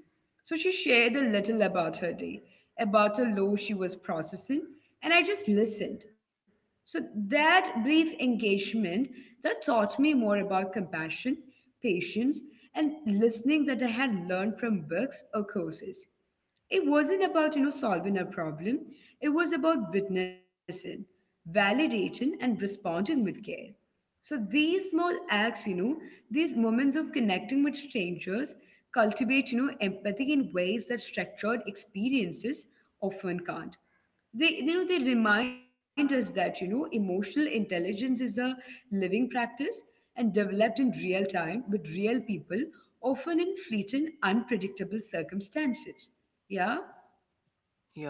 Speaker 1: So she shared a little about her day, about a law she was processing, and I just listened. So that brief engagement that taught me more about compassion, patience, and listening that I had learned from books or courses. It wasn't about, solving a problem. It was about witnessing, validating, and responding with care. So these small acts, these moments of connecting with strangers cultivate, empathy in ways that structured experiences often can't. They they remind us that emotional intelligence is a living practice, and developed in real time with real people, often in fleeting unpredictable circumstances. Yeah.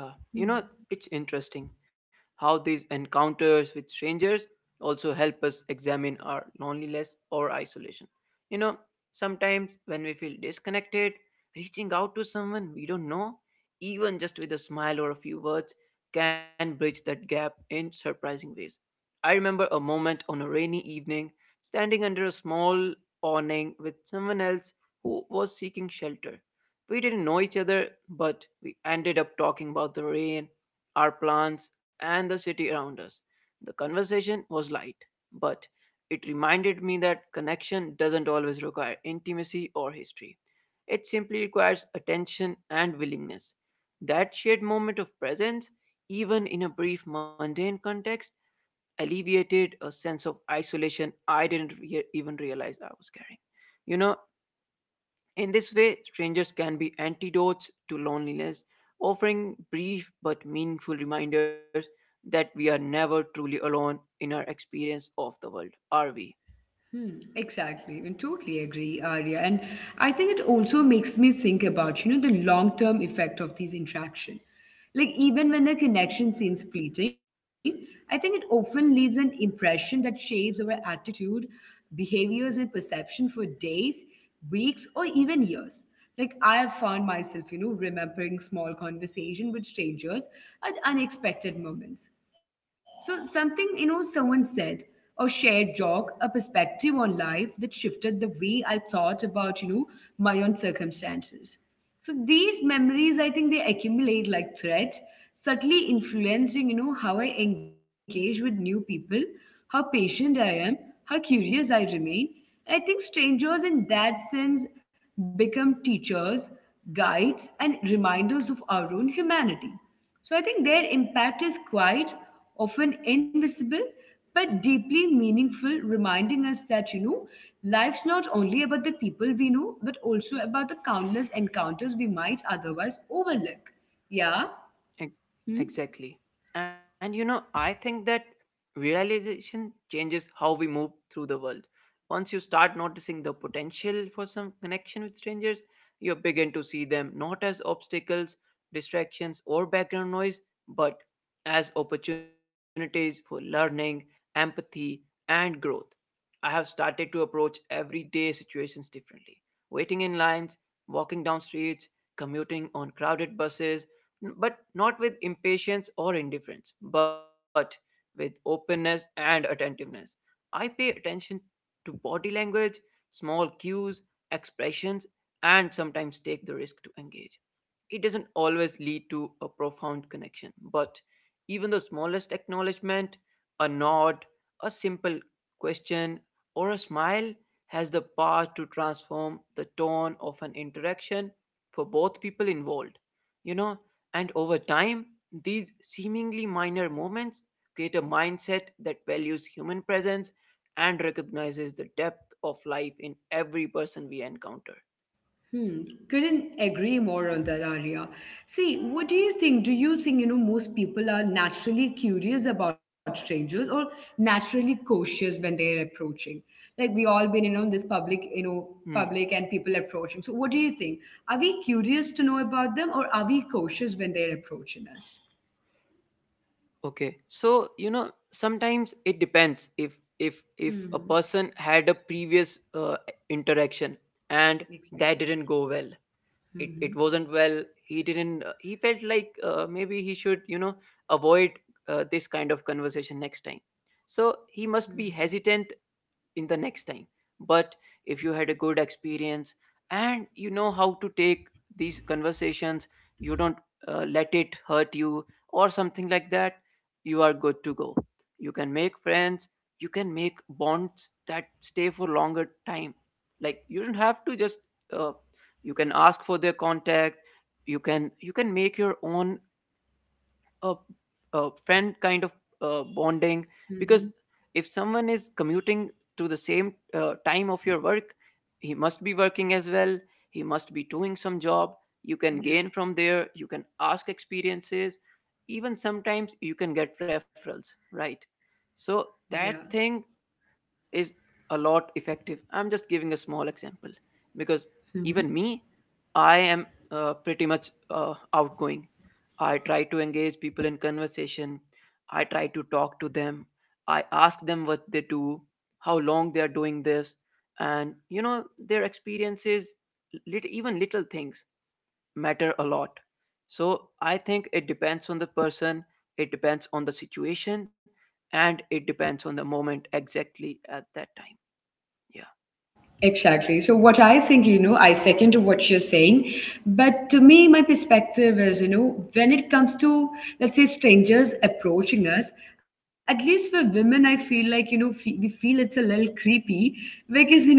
Speaker 2: Yeah,
Speaker 1: Hmm.
Speaker 2: you know, it's interesting how these encounters with strangers also help us examine our loneliness or isolation. You know, sometimes when we feel disconnected, reaching out to someone we don't know, even just with a smile or a few words, can bridge that gap in surprising ways. I remember a moment on a rainy evening standing under a small awning with someone else who was seeking shelter. We didn't know each other, but we ended up talking about the rain, our plants, and the city around us. The conversation was light, but it reminded me that connection doesn't always require intimacy or history. It simply requires attention and willingness. That shared moment of presence, even in a brief mundane context, alleviated a sense of isolation I didn't even realize I was carrying. You know, in this way, strangers can be antidotes to loneliness, offering brief but meaningful reminders that we are never truly alone in our experience of the world, are we?
Speaker 1: Hmm, exactly, and totally agree, Arya. And I think it also makes me think about, the long-term effect of these interaction. Like even when a connection seems fleeting, I think it often leaves an impression that shapes our attitude, behaviors, and perception for days, weeks, or even years. Like I have found myself, remembering small conversation with strangers at unexpected moments, so something, someone said or shared joke, a perspective on life that shifted the way I thought about, my own circumstances. So these memories, I think they accumulate like threads, subtly influencing, how I engage with new people, how patient I am, how curious I remain. And I think strangers in that sense become teachers, guides, and reminders of our own humanity. So I think their impact is quite often invisible but deeply meaningful, reminding us that, life's not only about the people we know, but also about the countless encounters we might otherwise overlook. Yeah.
Speaker 2: Ex-
Speaker 1: Hmm?
Speaker 2: Exactly. And you know, I think that realization changes how we move through the world. Once you start noticing the potential for some connection with strangers, you begin to see them not as obstacles, distractions, or background noise, but as opportunities for learning, empathy, and growth. I have started to approach everyday situations differently. Waiting in lines, walking down streets, commuting on crowded buses, but not with impatience or indifference, but with openness and attentiveness. I pay attention to body language, small cues, expressions, and sometimes take the risk to engage. It doesn't always lead to a profound connection, but even the smallest acknowledgement, a nod, a simple question, or a smile has the power to transform the tone of an interaction for both people involved, you know. And over time, these seemingly minor moments create a mindset that values human presence and recognizes the depth of life in every person we encounter.
Speaker 1: Hmm, couldn't agree more on that, Arya. See, what do you think? Do you think, most people are naturally curious about strangers or naturally cautious when they're approaching? Like we all been, in this public,
Speaker 2: Hmm.
Speaker 1: public and people approaching. So what do you think? Are we curious to know about them, or are we cautious when they're approaching us?
Speaker 2: Okay, so you know, sometimes it depends if
Speaker 1: Hmm,
Speaker 2: a person had a previous interaction and that
Speaker 1: exactly.
Speaker 2: didn't go well. It
Speaker 1: Hmm.
Speaker 2: wasn't well he didn't he felt like maybe he should, you know, avoid this kind of conversation next time, so he must
Speaker 1: Hmm.
Speaker 2: be hesitant in the next time. But if you had a good experience and you know how to take these conversations, you don't, let it hurt you or something like that, you are good to go. You can make friends, you can make bonds that stay for longer time. Like you don't have to just, uh, you can ask for their contact. You can make your own a, a friend kind of
Speaker 1: Hmm.
Speaker 2: bonding
Speaker 1: Hmm.
Speaker 2: because if someone is commuting to the same time of your work, he must be working as well, he must be doing some job. You can gain
Speaker 1: Yeah.
Speaker 2: from there, you can ask experiences, even sometimes you can get referrals, right? So
Speaker 1: Yeah.
Speaker 2: that thing is a lot effective. I'm just giving a small example because
Speaker 1: Hmm.
Speaker 2: even me, I am pretty much outgoing. I try to engage people in conversation. I try to talk to them. I ask them what they do, how long they are doing this, and you know their experiences. Even little things matter a lot. So I think it depends on the person, it depends on the situation, and it depends on the moment exactly at that time. Yeah,
Speaker 1: Exactly. So, what I think, I second to what you're saying. But to me, my perspective is, when it comes to, let's say, strangers approaching us, at least for women, I feel like, we feel it's a little creepy because,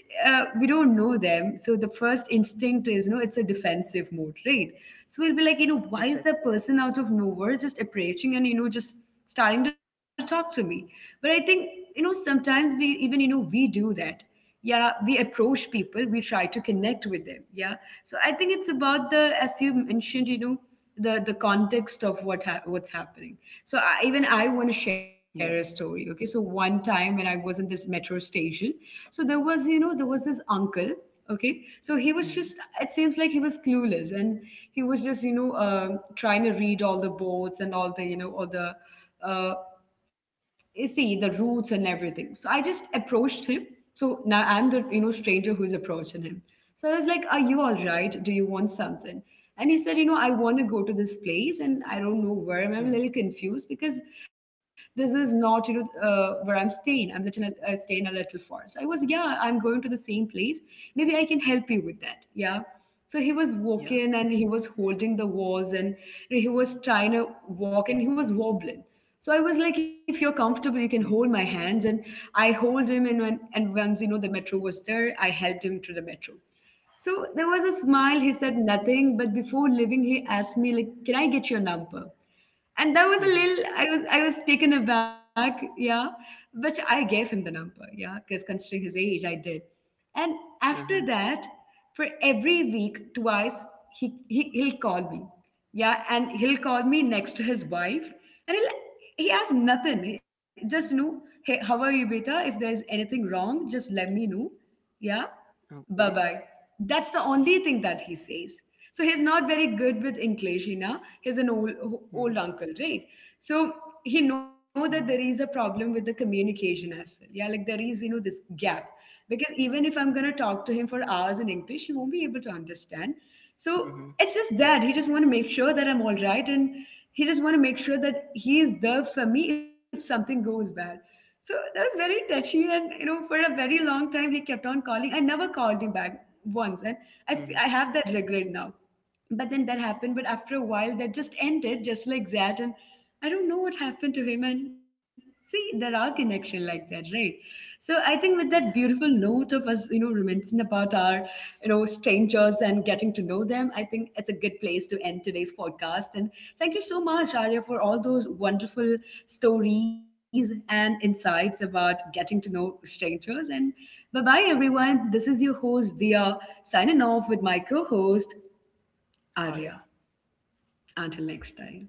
Speaker 1: we don't know them. So, the first instinct is, it's a defensive mode, right? So, we'll be like, why is that
Speaker 2: exactly.
Speaker 1: person out of nowhere just approaching and, just starting to talk to me? But I think, sometimes we even, we do that. Yeah, we approach people, we try to connect with them. Yeah. So I think it's about the, as you mentioned, the context of what's happening. So I, even I want to share
Speaker 2: Yeah.
Speaker 1: a story. Okay, so one time when I was in this metro station, so there was there was this uncle. Okay, so he was just,
Speaker 2: Mm.
Speaker 1: it seems like he was clueless and he was just, trying to read all the boards and all the, all the, uh, you see, the routes and everything. So I just approached him. So now I'm the, stranger who's approaching him. So I was like, "Are you all right? Do you want something?" And he said, "You know, I want to go to this place and I don't know where. I'm a little
Speaker 2: Mm.
Speaker 1: confused because this is not, you know, where I'm staying. I'm little, staying a little far." So I was, "Yeah, I'm going to the same place. Maybe I can help you with that." Yeah. So he was walking
Speaker 2: Yeah.
Speaker 1: and he was holding the walls and he was trying to walk and he was wobbling. So I was like, "If you're comfortable, you
Speaker 2: Mm.
Speaker 1: can hold my hands." And I hold him, and when and once the metro was there, I helped him to the metro. So there was a smile.
Speaker 2: Yeah.
Speaker 1: He said nothing, but before leaving, he asked me like, "Can I get your number?" And that was a little.
Speaker 2: Mm-hmm.
Speaker 1: I was, I was taken aback. Yeah, but I gave him the number. Yeah, because considering his age, I did. And after that,
Speaker 2: Uh-huh.
Speaker 1: for every week, twice, he'll call me. Yeah, and he'll call me next to his wife, and he'll, he asks nothing. He just hey, how are you, beta? If there's anything wrong, just let me know. Yeah, bye bye.
Speaker 2: Okay.
Speaker 1: That's the only thing that he says. So he's not very good with English, He's an old
Speaker 2: Mm-hmm.
Speaker 1: uncle, right? So he know that
Speaker 2: Mm-hmm.
Speaker 1: there is a problem with the communication as well. Yeah, like there is, this gap.
Speaker 2: Yeah.
Speaker 1: Because even if I'm gonna talk to him for hours in English, he won't be able to understand. So it's
Speaker 2: Mm-hmm.
Speaker 1: just that he just want to make sure that I'm all right, and he just want to make sure that he is there for me if something goes bad. So that was very touchy, and for a very long time he kept on calling. I never called him back once, and I
Speaker 2: Mm-hmm.
Speaker 1: have that regret now, but then that happened. But after a while, that just ended just like that, and I don't know what happened to him. And see, there are connection like that, right? So I think with that
Speaker 2: Yeah.
Speaker 1: beautiful note of us, reminiscing about our, strangers and getting to know them, I think it's a good place to end today's podcast. And thank you so much, Arya, for all those wonderful stories and insights about getting to know strangers. And bye bye everyone, this is your host Dia, signing off with my co-host Arya.
Speaker 2: Arya.
Speaker 1: Until next time.